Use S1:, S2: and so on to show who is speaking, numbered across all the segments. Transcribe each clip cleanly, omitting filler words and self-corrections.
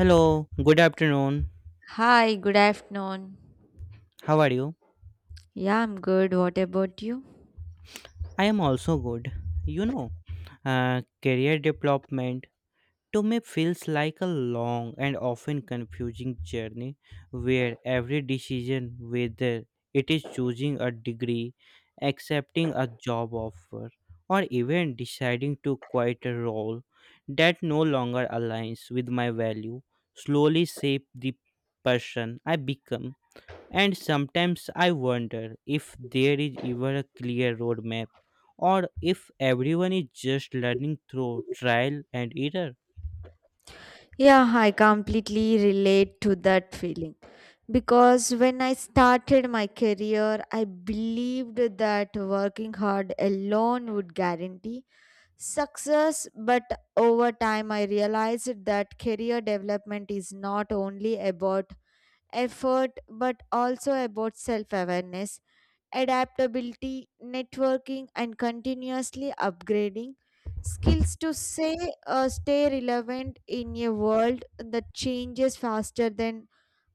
S1: Hello, good afternoon.
S2: Hi, good afternoon.
S1: How are you?
S2: Yeah, I'm good. What about you?
S1: I am also good. You know, career development to me feels like a long and often confusing journey where every decision, whether it is choosing a degree, accepting a job offer, or even deciding to quit a role that no longer aligns with my value, slowly shape the person I become. And sometimes I wonder if there is even a clear roadmap or if everyone is just learning through trial and error.
S2: Yeah, I completely relate to that feeling. Because when I started my career, I believed that working hard alone would guarantee success. But over time, I realized that career development is not only about effort but also about self awareness adaptability, networking, and continuously upgrading skills to say stay relevant in a world that changes faster than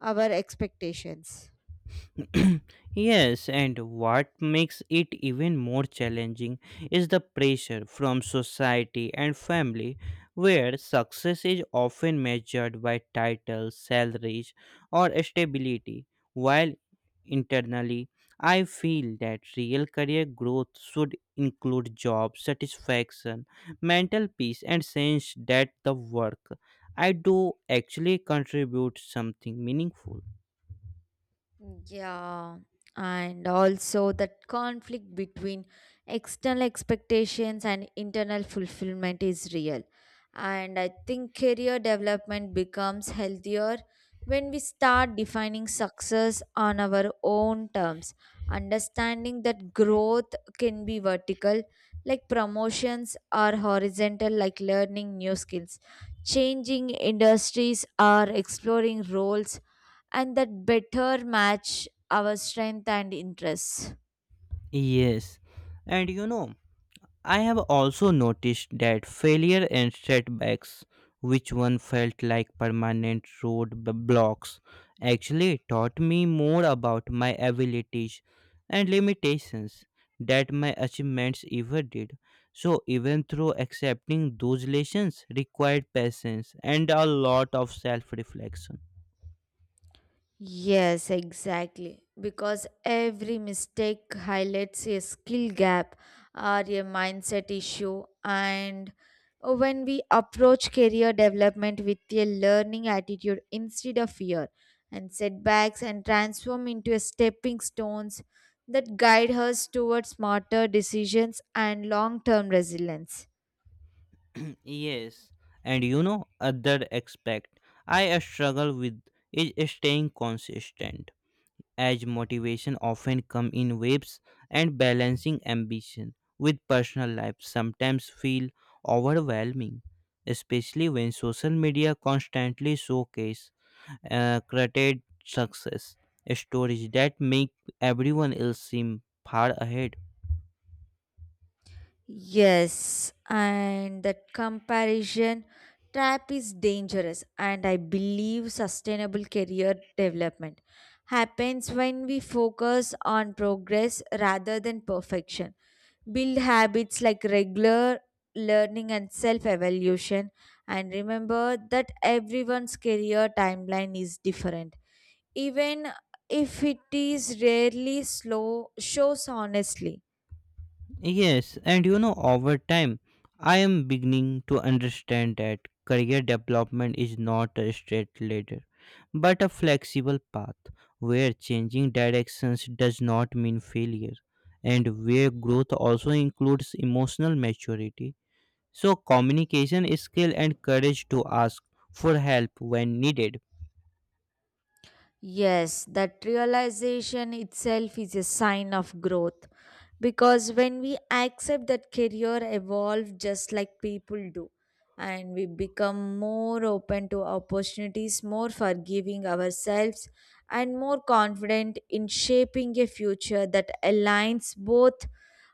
S2: our expectations.
S1: Yes, and what makes it even more challenging is the pressure from society and family, where success is often measured by titles, salaries, or stability, while internally, I feel that real career growth should include job satisfaction, mental peace, and sense that the work I do actually contributes something meaningful.
S2: Yeah, and also that conflict between external expectations and internal fulfillment is real. And I think career development becomes healthier when we start defining success on our own terms, understanding that growth can be vertical, like promotions, or horizontal, like learning new skills. Changing industries or exploring roles and that better match our strength and interests.
S1: Yes, and you know, I have also noticed that failure and setbacks, which one felt like permanent roadblocks, actually taught me more about my abilities and limitations that my achievements ever did. So, even through accepting those lessons required patience and a lot of self reflection.
S2: Yes, exactly. Because every mistake highlights a skill gap or a mindset issue. And when we approach career development with a learning attitude instead of fear and setbacks and transform into a stepping stones that guide us towards smarter decisions and long term resilience.
S1: yes, other aspect I struggle with is staying consistent, as motivation often come in waves, and balancing ambition with personal life sometimes feel overwhelming, especially when social media constantly showcase curated success stories that make everyone else seem far ahead.
S2: Yes, and that comparison trap is dangerous, and I believe sustainable career development happens when we focus on progress rather than perfection. Build habits like regular learning and self evaluation, and remember that everyone's career timeline is different, even if it is rarely slow, shows honestly.
S1: Over time, I am beginning to understand that career development is not a straight ladder, but a flexible path where changing directions does not mean failure, and where growth also includes emotional maturity. So, communication skill and courage to ask for help when needed.
S2: Yes, that realization itself is a sign of growth because when we accept that career evolve just like people do and we become more open to opportunities, more forgiving ourselves and more confident in shaping a future that aligns both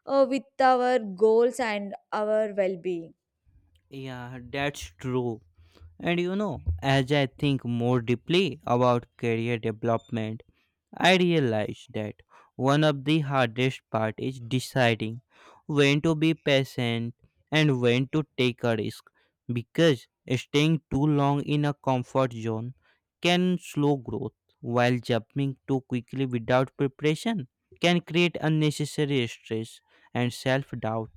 S2: with our goals and our well-being.
S1: Yeah, that's true. And you know, as I think more deeply about career development, I realized that one of the hardest part is deciding when to be patient and when to take a risk because staying too long in a comfort zone can slow growth while jumping too quickly without preparation can create unnecessary stress and self-doubt.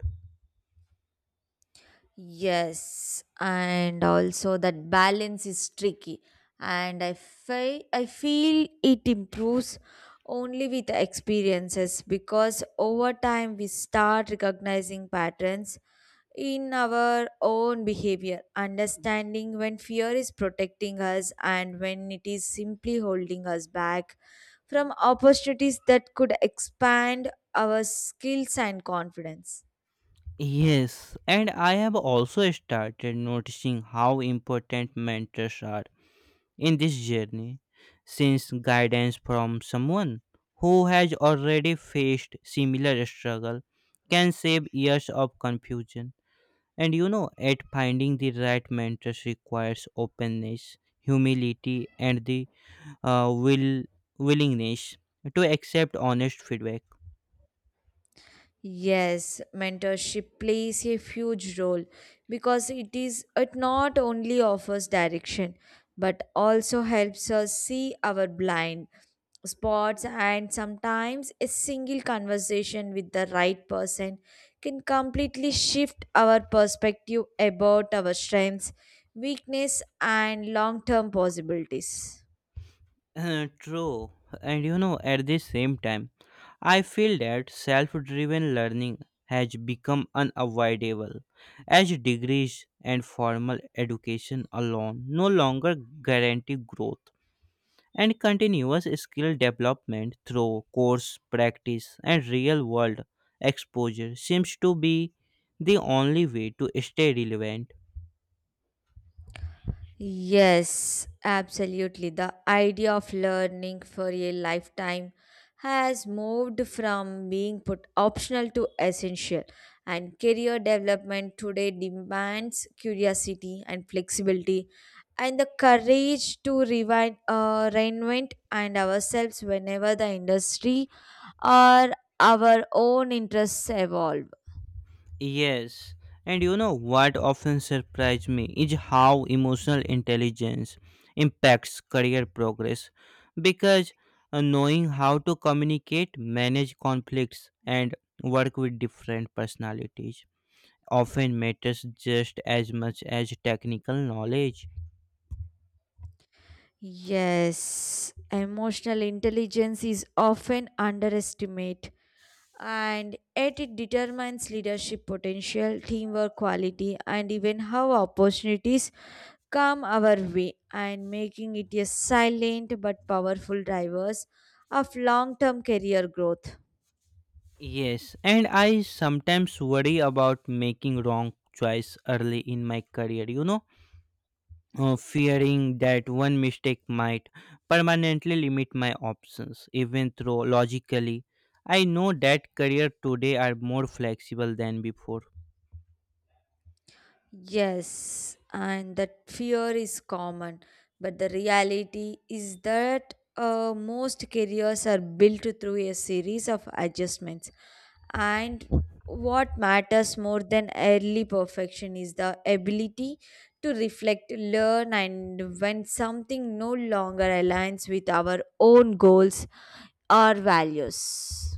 S2: Yes, and also that balance is tricky, and I feel it improves only with experiences because over time we start recognizing patterns in our own behavior, understanding when fear is protecting us and when it is simply holding us back from opportunities that could expand our skills and confidence.
S1: Yes, and I have also started noticing how important mentors are in this journey since guidance from someone who has already faced similar struggle can save years of confusion, and you know at finding the right mentors requires openness humility and the uh, will willingness to accept honest feedback.
S2: Yes, mentorship plays a huge role because it not only offers direction but also helps us see our blind spots and sometimes a single conversation with the right person can completely shift our perspective about our strengths, weakness and long-term possibilities.
S1: True. And you know, at the same time, I feel that self driven learning has become unavoidable as degrees and formal education alone no longer guarantee growth. And continuous skill development through course practice and real world exposure seems to be the only way to stay relevant.
S2: Yes, absolutely. The idea of learning for a lifetime has moved from being put optional to essential, and career development today demands curiosity and flexibility and the courage to reinvent and ourselves whenever the industry or our own interests evolve.
S1: Yes, and you know what often surprised me is how emotional intelligence impacts career progress because knowing how to communicate, manage conflicts, and work with different personalities often matters just as much as technical knowledge.
S2: Yes, emotional intelligence is often underestimated and yet it determines leadership potential, teamwork quality, and even how opportunities come our way, and making it a silent but powerful driver of long term career growth.
S1: Yes, and I sometimes worry about making wrong choice early in my career. You know, fearing that one mistake might permanently limit my options, even though logically I know that career today are more flexible than before.
S2: Yes, and that fear is common, but the reality is that most careers are built through a series of adjustments. And what matters more than early perfection is the ability to reflect, learn, and when something no longer aligns with our own goals or values.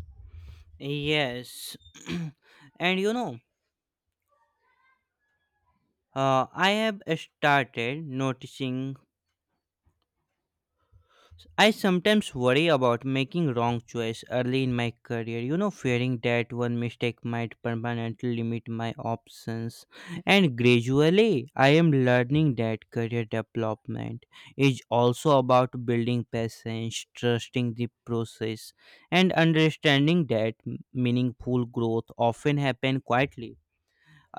S1: Yes, and you know, I have started noticing I sometimes worry about making wrong choice early in my career, you know, fearing that one mistake might permanently limit my options. And gradually, I am learning that career development is also about building patience, trusting the process, and understanding that meaningful growth often happen quietly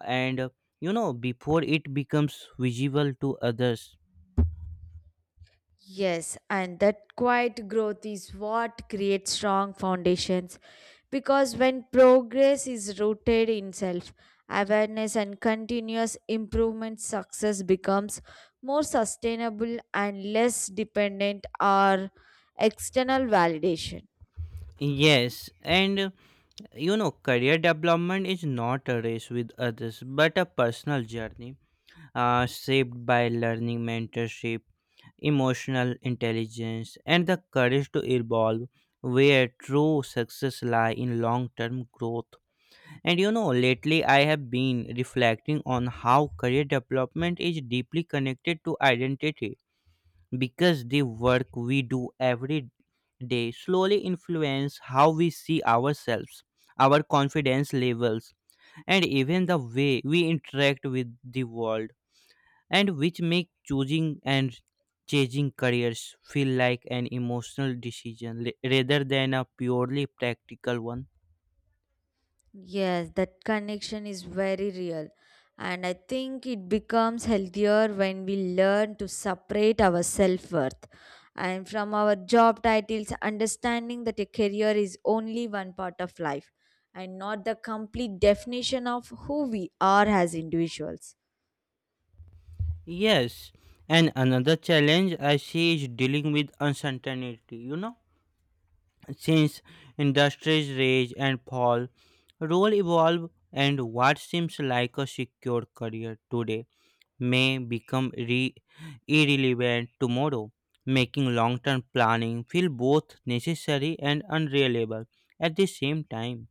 S1: and you know before it becomes visible to others.
S2: Yes, and that quiet growth is what creates strong foundations because when progress is rooted in self awareness and continuous improvement, success becomes more sustainable and less dependent on external validation.
S1: Yes, and you know career development is not a race with others but a personal journey shaped by learning mentorship emotional intelligence and the courage to evolve, where true success lie in long-term growth. And you know lately I have been reflecting on how career development is deeply connected to identity because the work we do every day slowly influence how we see ourselves, our confidence levels, and even the way we interact with the world, and which make choosing and changing careers feel like an emotional decision rather than a purely practical one.
S2: Yes, that connection is very real. And I think it becomes healthier when we learn to separate our self worth. And from our job titles, understanding that a career is only one part of life and not the complete definition of who we are as individuals.
S1: Yes, and another challenge I see is dealing with uncertainty, you know, since industries rise and fall, role evolve and what seems like a secure career today may become irrelevant tomorrow, making long-term planning feel both necessary and unreliable at the same time.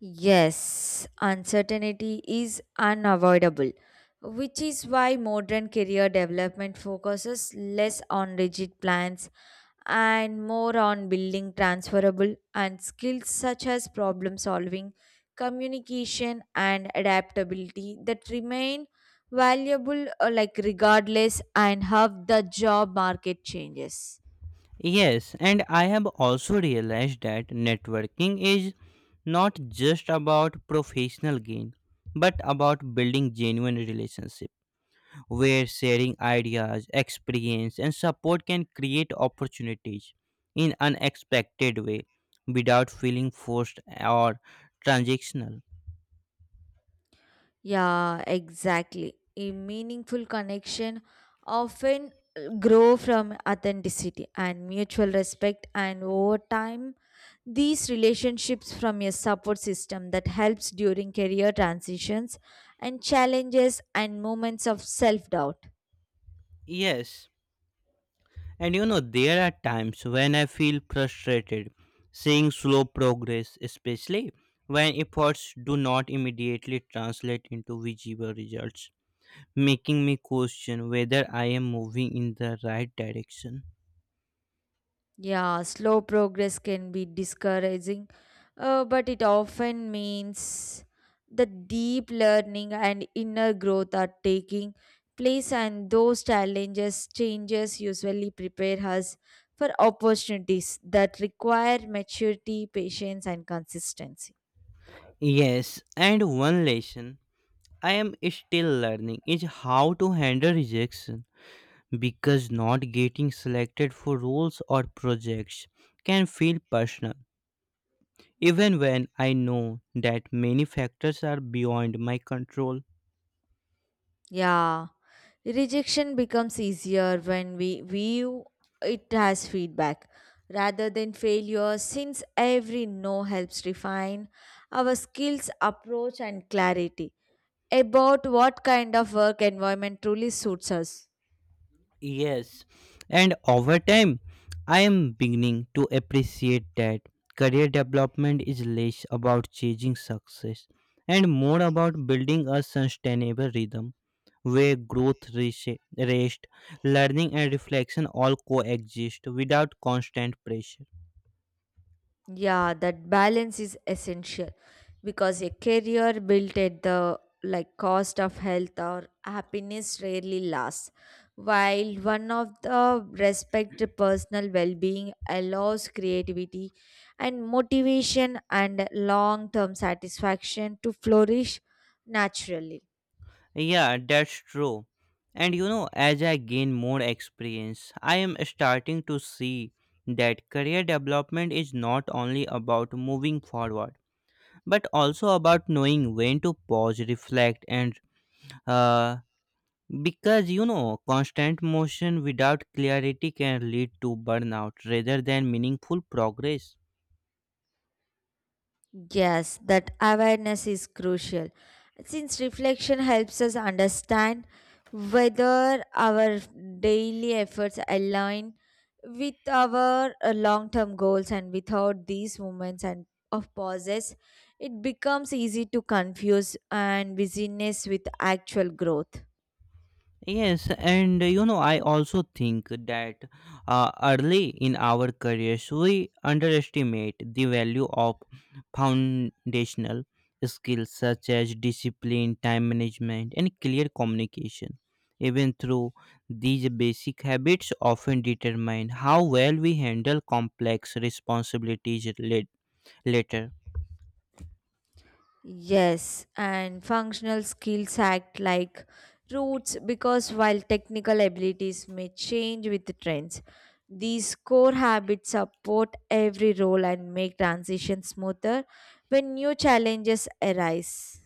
S2: Yes, uncertainty is unavoidable, which is why modern career development focuses less on rigid plans and more on building transferable and skills such as problem solving, communication, and adaptability that remain valuable like regardless and how the job market changes.
S1: Yes, and I have also realized that networking is not just about professional gain but about building genuine relationships where sharing ideas, experience, and support can create opportunities in unexpected way without feeling forced or transactional.
S2: Yeah, exactly. A meaningful connection often grow from authenticity and mutual respect and over time these relationships from a support system that helps during career transitions and challenges and moments of self doubt.
S1: Yes, and you know there are times when I feel frustrated seeing slow progress, especially when efforts do not immediately translate into visible results, making me question whether I am moving in the right direction.
S2: Yeah, slow progress can be discouraging, but it often means the deep learning and inner growth are taking place, and those challenges, changes usually prepare us for opportunities that require maturity, patience, and consistency.
S1: Yes, and one lesson I am still learning is how to handle rejection because not getting selected for roles or projects can feel personal, even when I know that many factors are beyond my control.
S2: Yeah. Rejection becomes easier when we view it as feedback rather than failure, since every no helps refine our skills, approach, and clarity about what kind of work environment truly suits us.
S1: Yes, and over time, I am beginning to appreciate that career development is less about chasing success and more about building a sustainable rhythm where growth, rest, learning, and reflection all coexist without constant pressure.
S2: Yeah, that balance is essential because a career built at the like cost of health or happiness rarely lasts. While one of the respect personal well-being allows creativity and motivation and long-term satisfaction to flourish naturally.
S1: Yeah, that's true. And you know, as I gain more experience, I am starting to see that career development is not only about moving forward but also about knowing when to pause reflect and uh, because you know constant motion without clarity can lead to burnout rather than meaningful progress.
S2: Yes, that awareness is crucial since reflection helps us understand whether our daily efforts align with our long-term goals and without these moments and of pauses it becomes easy to confuse and busyness with actual growth.
S1: Yes, and you know, I also think that early in our careers, we underestimate the value of foundational skills such as discipline, time management, and clear communication. Even through these basic habits, often determine how well we handle complex responsibilities later.
S2: Yes, and functional skills act like roots because while technical abilities may change with the trends, these core habits support every role and make transition smoother when new challenges arise.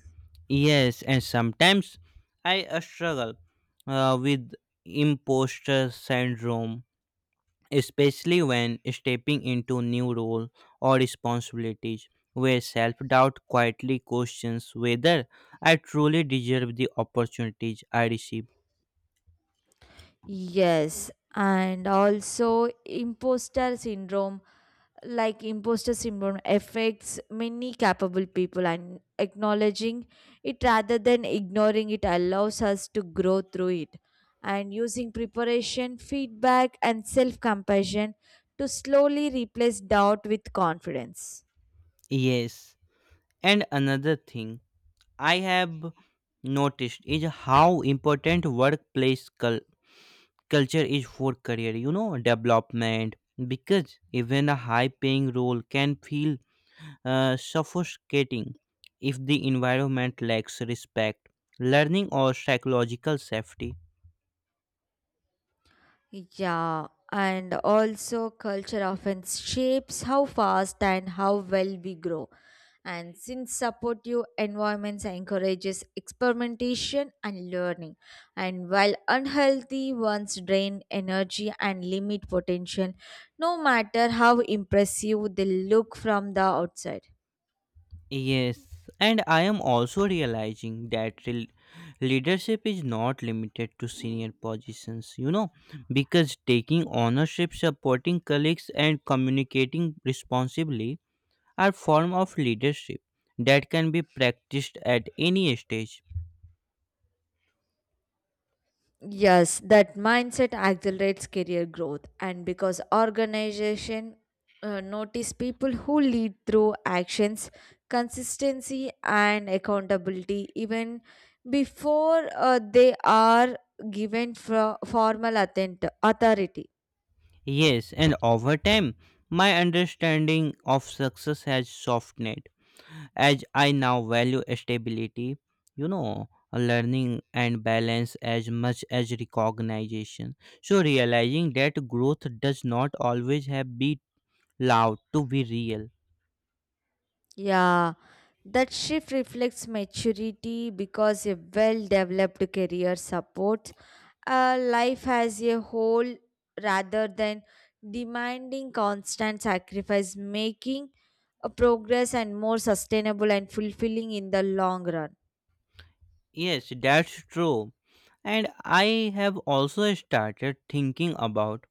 S1: Yes, and sometimes I struggle with imposter syndrome, especially when stepping into new role or responsibilities where self-doubt quietly questions whether I truly deserve the opportunities I receive.
S2: Yes, and also imposter syndrome affects many capable people and acknowledging it rather than ignoring it allows us to grow through it and using preparation feedback and self compassion to slowly replace doubt with confidence.
S1: Yes, and another thing I have noticed is how important workplace culture is for career you know development, because even a high paying role can feel suffocating if the environment lacks respect, learning, or psychological safety.
S2: Yeah, and also culture often shapes how fast and how well we grow. And since supportive environments encourages experimentation and learning, and while unhealthy ones drain energy and limit potential, no matter how impressive they look from the outside.
S1: Yes, and I am also realizing that leadership is not limited to senior positions, you know, because taking ownership, supporting colleagues, and communicating responsibly are form of leadership that can be practiced at any stage.
S2: Yes, that mindset accelerates career growth, and because organization notice people who lead through actions, consistency, and accountability even before they are given for authority.
S1: Yes, and over time, my understanding of success has softened as I now value stability, you know, learning and balance as much as recognition. So realizing that growth does not always have be loud to be real.
S2: Yeah, that shift reflects maturity because a well developed career supports life as a whole rather than demanding constant sacrifice, making a progress and more sustainable and fulfilling in the long run.
S1: Yes, that's true. And I have also started thinking about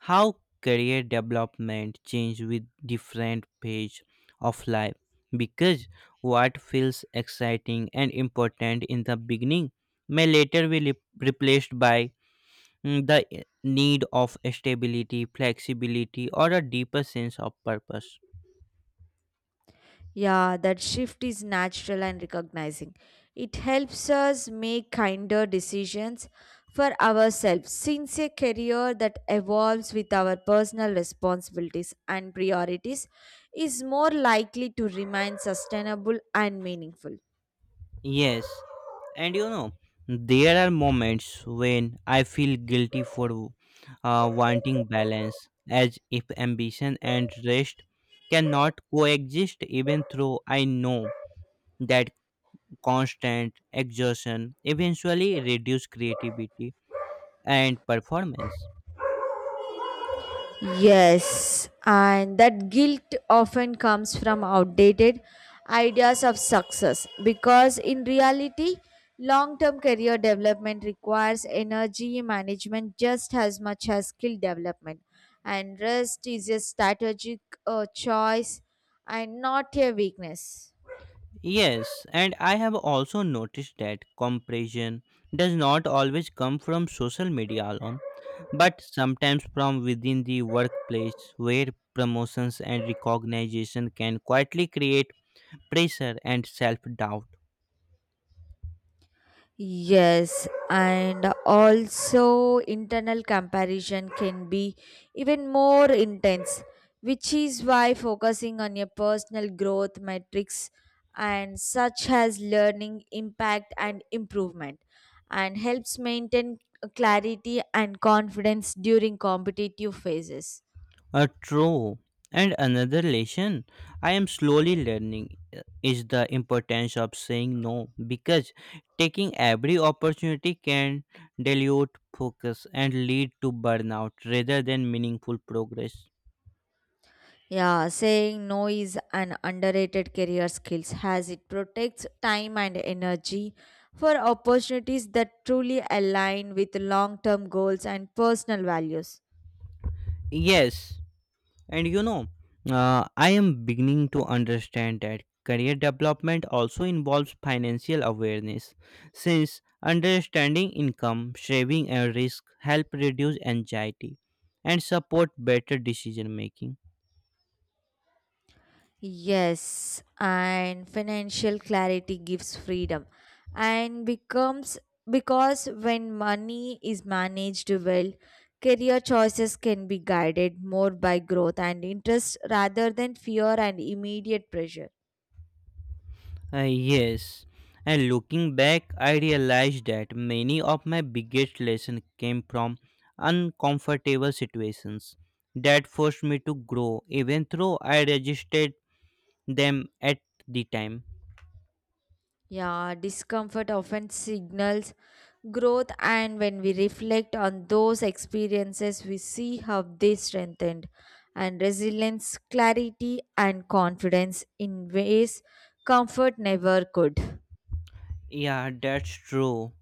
S1: how career development change with different phase of life because what feels exciting and important in the beginning may later be replaced by need of stability, flexibility or a deeper sense of purpose.
S2: Yeah, that shift is natural and recognizing. It helps us make kinder decisions for ourselves since a career that evolves with our personal responsibilities and priorities is more likely to remain sustainable and meaningful.
S1: Yes, and you know, there are moments when I feel guilty for wanting balance, as if ambition and rest cannot coexist, even though I know that constant exertion eventually reduce creativity and performance.
S2: Yes, and that guilt often comes from outdated ideas of success because in reality, long term career development requires energy management just as much as skill development, and rest is a strategic choice and not a weakness.
S1: Yes, and I have also noticed that compression does not always come from social media alone, but sometimes from within the workplace where promotions and recognition can quietly create pressure and self doubt.
S2: Yes, and also internal comparison can be even more intense, which is why focusing on your personal growth metrics and such as learning, impact, and improvement and helps maintain clarity and confidence during competitive phases.
S1: A true. And another lesson I am slowly learning is the importance of saying no because taking every opportunity can dilute focus and lead to burnout rather than meaningful progress.
S2: Yeah, saying no is an underrated career skills as it protects time and energy for opportunities that truly align with long-term goals and personal values.
S1: Yes, and you know, I am beginning to understand that career development also involves financial awareness, since understanding income, saving, and risk help reduce anxiety and support better decision making.
S2: Yes, and financial clarity gives freedom and becomes because when money is managed well, career choices can be guided more by growth and interest rather than fear and immediate pressure.
S1: Uh, yes, and looking back, I realized that many of my biggest lessons came from uncomfortable situations that forced me to grow, even though I resisted them at the time.
S2: Yeah, discomfort often signals growth, and when we reflect on those experiences, we see how they strengthened and resilience, clarity, and confidence in ways comfort never could.
S1: Yeah, that's true.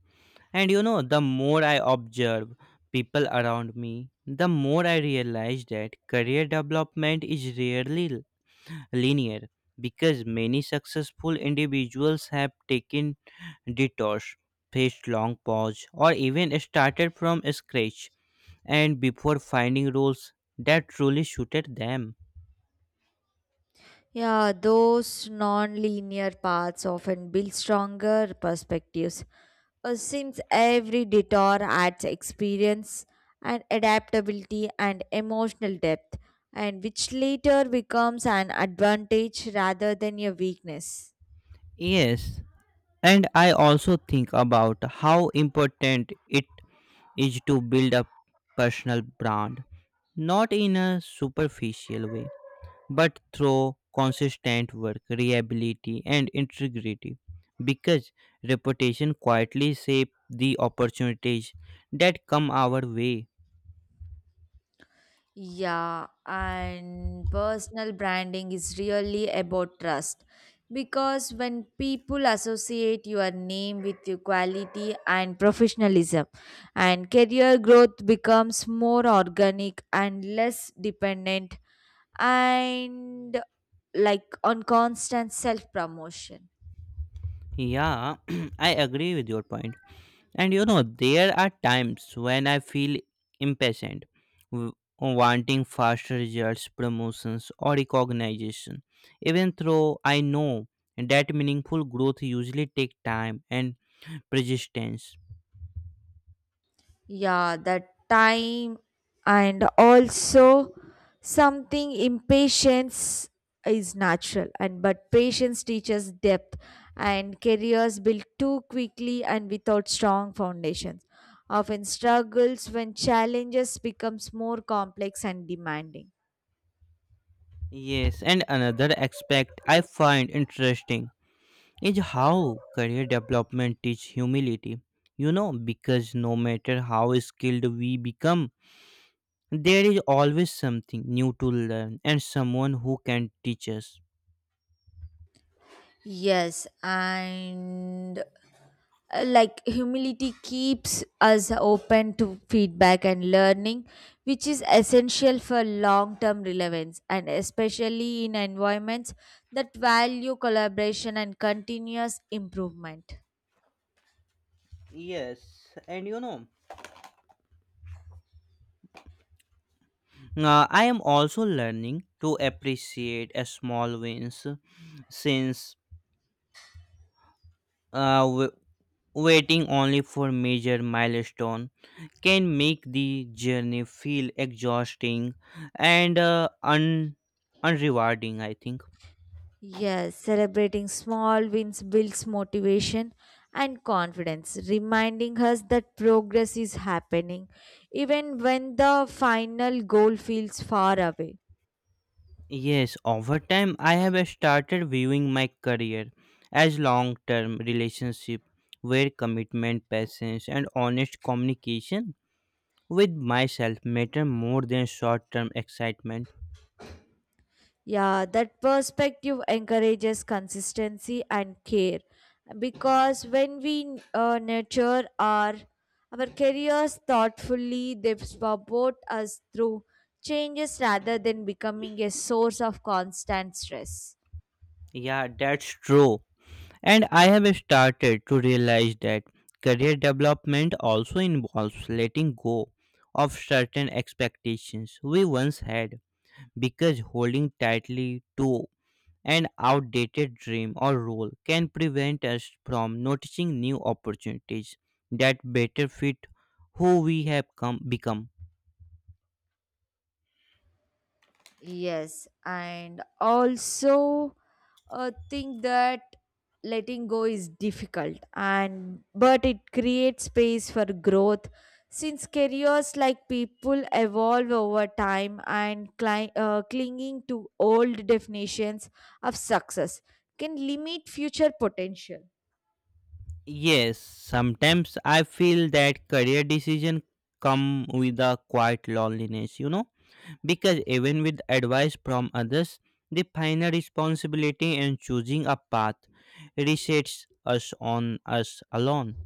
S1: And you know, the more I observe people around me, the more I realize that career development is rarely linear because many successful individuals have taken detours, faced long pause, or even started from scratch and before finding roles that truly suited them.
S2: Yeah, those non-linear paths often build stronger perspectives. Since every detour adds experience and adaptability and emotional depth, and which later becomes an advantage rather than a weakness.
S1: Yes, and I also think about how important it is to build a personal brand, not in a superficial way, but through consistent work, reliability, and integrity. Because reputation quietly shape the opportunities that come our way.
S2: Yeah, and personal branding is really about trust because when people associate your name with your quality and professionalism, and career growth becomes more organic and less dependent and like on constant self promotion.
S1: Yeah, I agree with your point. And you know, there are times when I feel impatient, w- wanting faster results, promotions, or recognition, even though I know that meaningful growth usually take time and persistence.
S2: Yeah, the time and also something impatience is natural and but patience teaches depth and careers built too quickly and without strong foundations often struggles when challenges becomes more complex and demanding.
S1: Yes, and another aspect I find interesting is how career development teaches humility. You know, because no matter how skilled we become, there is always something new to learn and someone who can teach us.
S2: Yes, and like humility keeps us open to feedback and learning which is essential for long term relevance and especially in environments that value collaboration and continuous improvement.
S1: Yes, and I am also learning to appreciate a small wins since uh, w- waiting only for major milestone can make the journey feel exhausting and unrewarding, I think.
S2: Yes, celebrating small wins builds motivation and confidence reminding us that progress is happening even when the final goal feels far away.
S1: Yes, over time I have started viewing my career as long term relationship, where commitment, patience and honest communication with myself matter more than short term excitement.
S2: Yeah, that perspective encourages consistency and care because when we nurture our careers thoughtfully, they support us through changes rather than becoming a source of constant stress.
S1: Yeah, that's true. And I have started to realize that career development also involves letting go of certain expectations we once had, because holding tightly to an outdated dream or role can prevent us from noticing new opportunities that better fit who we have become.
S2: Yes, and also think that letting go is difficult and but it creates space for growth since careers like people evolve over time and clinging to old definitions of success can limit future potential.
S1: Yes, sometimes I feel that career decision come with a quiet loneliness, because even with advice from others, the final responsibility in choosing a path resets us on us alone.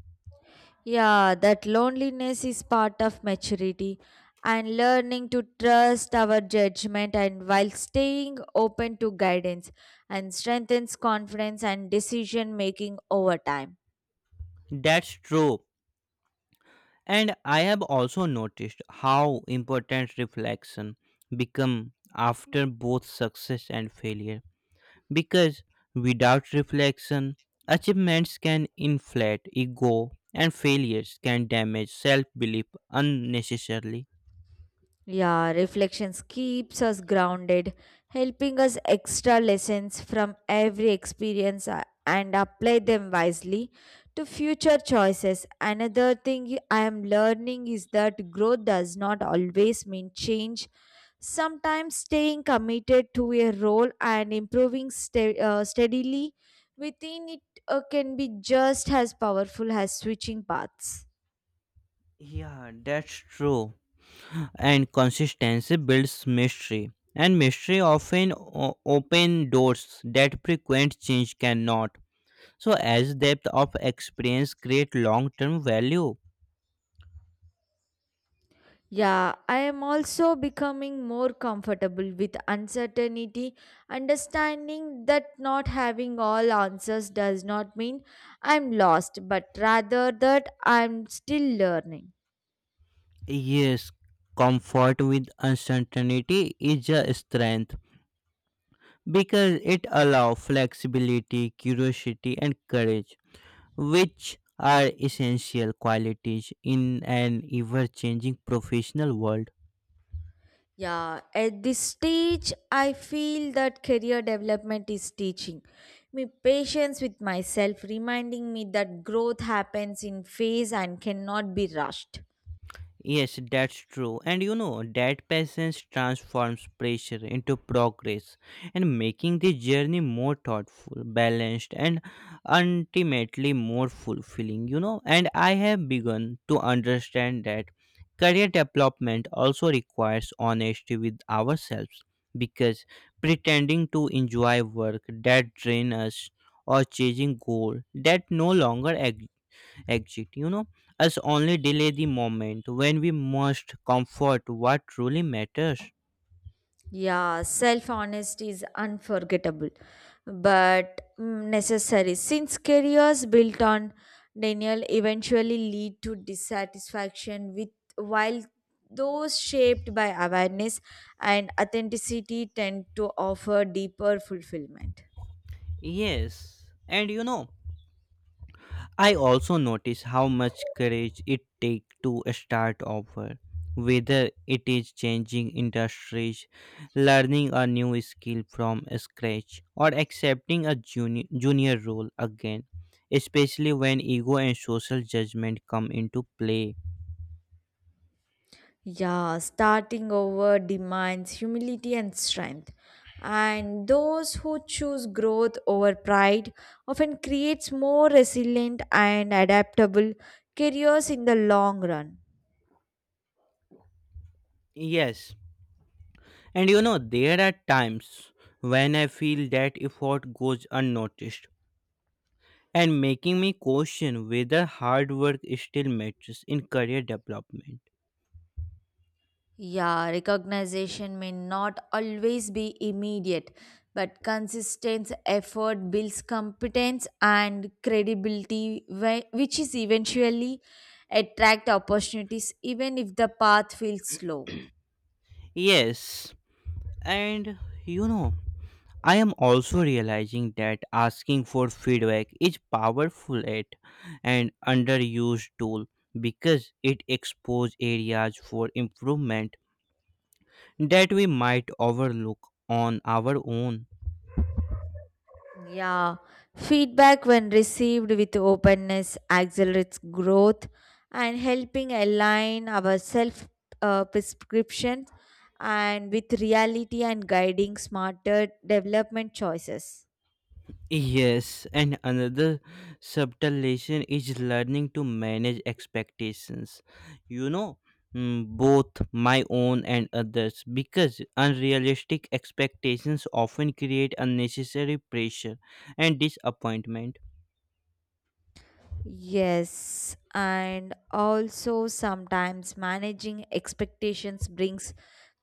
S2: Yeah, that loneliness is part of maturity and learning to trust our judgment and while staying open to guidance and strengthens confidence and decision making over time.
S1: That's true. And I have also noticed how important reflection become after both success and failure. Because without reflection, achievements can inflate ego and failures can damage self-belief unnecessarily.
S2: Yeah, reflections keeps us grounded, helping us extra lessons from every experience and apply them wisely to future choices. Another thing I am learning is that growth does not always mean change. Sometimes staying committed to a role and improving steadily within it can be just as powerful as switching paths.
S1: Yeah, that's true. And consistency builds mystery, and mystery often open doors that frequent change cannot, so as depth of experience create long term value.
S2: Yeah, I am also becoming more comfortable with uncertainty, understanding that not having all answers does not mean I'm lost, but rather that I'm still learning.
S1: Yes, comfort with uncertainty is a strength, because it allows flexibility, curiosity and courage, which are essential qualities in an ever changing professional world.
S2: Yeah, at this stage, I feel that career development is teaching me patience with myself, reminding me that growth happens in phase and cannot be rushed.
S1: Yes, that's true. And you know, that patience transforms pressure into progress and making the journey more thoughtful, balanced, and ultimately more fulfilling. And I have begun to understand that career development also requires honesty with ourselves, because pretending to enjoy work that drains us or chasing goal that no longer exit us only delay the moment when we must comfort what truly matters.
S2: Yeah, self honesty is unforgettable but necessary since careers built on denial eventually lead to dissatisfaction with while those shaped by awareness and authenticity tend to offer deeper fulfillment.
S1: Yes, and you know, I also notice how much courage it takes to start over, whether it is changing industries, learning a new skill from scratch or accepting a junior role again, especially when ego and social judgment come into play.
S2: Yeah, starting over demands humility and strength. And those who choose growth over pride often creates more resilient and adaptable careers in the long run.
S1: Yes. And you know, there are times when I feel that effort goes unnoticed and making me question whether hard work still matters in career development.
S2: Yeah, recognition may not always be immediate, but consistent effort builds competence and credibility, which is eventually attract opportunities even if the path feels slow.
S1: Yes, and you know, I am also realizing that asking for feedback is powerful at and underused tool, because it exposes areas for improvement that we might overlook on our own.
S2: Yeah, feedback when received with openness accelerates growth and helping align our self prescriptions and with reality and guiding smarter development choices.
S1: Yes, and another subtle lesson is learning to manage expectations. You know, Both my own and others, because unrealistic expectations often create unnecessary pressure and disappointment.
S2: Yes, and also sometimes managing expectations brings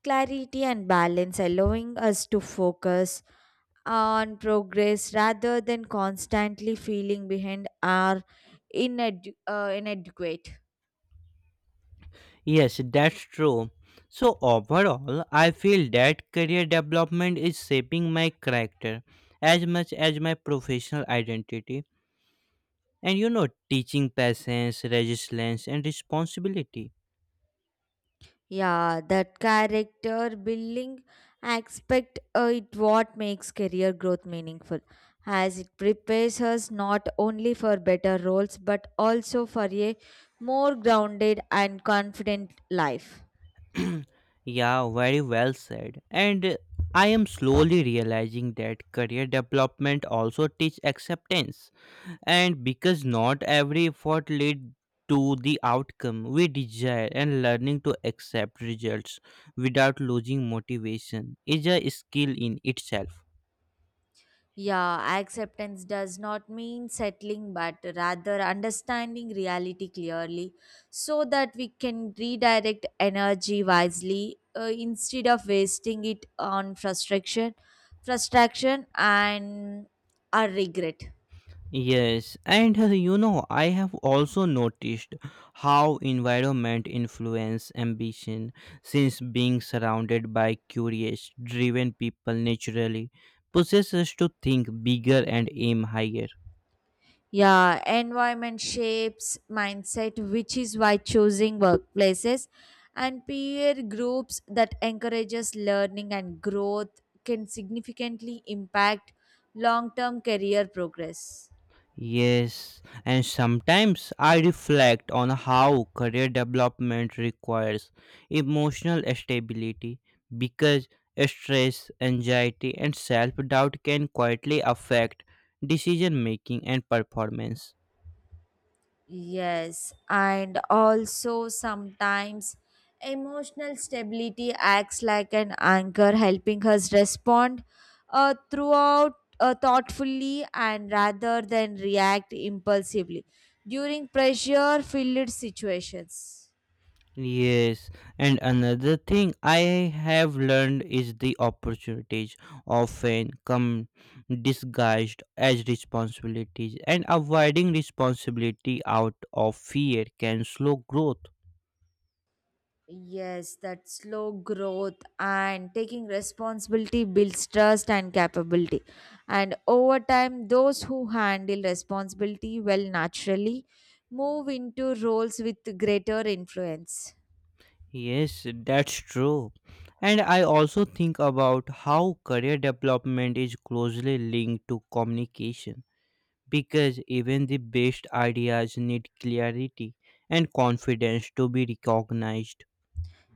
S2: clarity and balance, allowing us to focus on progress rather than constantly feeling behind or inadequate.
S1: Yes, that's true. So, overall, I feel that career development is shaping my character as much as my professional identity, and you know, teaching patience, resilience and responsibility.
S2: Yeah, that character building aspect it what makes career growth meaningful as it prepares us not only for better roles but also for a more grounded and confident life.
S1: Yeah, very well said. And I am slowly realizing that career development also teach acceptance, and because not every effort lead to the outcome we desire, and learning to accept results without losing motivation is a skill in itself.
S2: Yeah, acceptance does not mean settling, but rather understanding reality clearly so that we can redirect energy wisely instead of wasting it on frustration and our regret.
S1: Yes, and you know, I have also noticed how environment influence ambition, since being surrounded by curious, driven people naturally possesses to think bigger and aim higher.
S2: Yeah, environment shapes mindset, which is why choosing workplaces and peer groups that encourages learning and growth can significantly impact long-term career progress.
S1: Yes, and sometimes I reflect on how career development requires emotional stability, because stress, anxiety, and self doubt can quietly affect decision making and performance.
S2: Yes, and also sometimes emotional stability acts like an anchor, helping us respond throughout thoughtfully and rather than react impulsively during pressure filled situations.
S1: Yes, and another thing I have learned is the opportunities often come disguised as responsibilities, and avoiding responsibility out of fear can slow growth.
S2: Yes, that slow growth and taking responsibility builds trust and capability. And over time, those who handle responsibility well naturally move into roles with greater influence.
S1: Yes, that's true. And I also think about how career development is closely linked to communication, because even the best ideas need clarity and confidence to be recognized.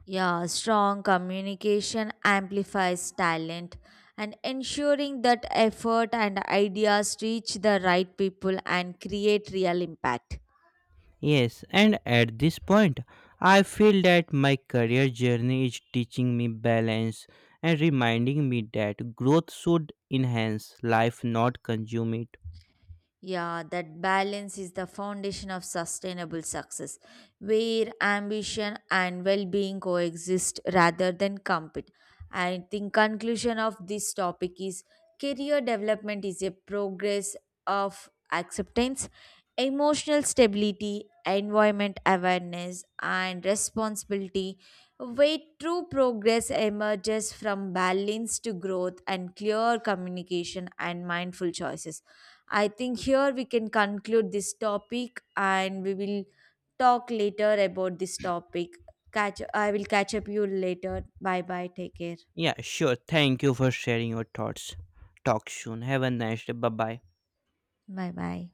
S2: Yeah, strong communication amplifies talent and ensuring that effort and ideas reach the right people and create real impact.
S1: Yes, and at this point, I feel that my career journey is teaching me balance and reminding me that growth should enhance life, not consume it.
S2: Yeah, that balance is the foundation of sustainable success, where ambition and well-being coexist rather than compete. I think conclusion of this topic is career development is a progress of acceptance, emotional stability, environment awareness, and responsibility, where true progress emerges from balance to growth and clear communication and mindful choices. I think here we can conclude this topic and we will talk later about this topic. Catch I will catch up you later. Bye bye. Take care.
S1: Yeah, sure. Thank you for sharing your thoughts. Talk soon. Have a nice day. Bye bye.
S2: Bye bye.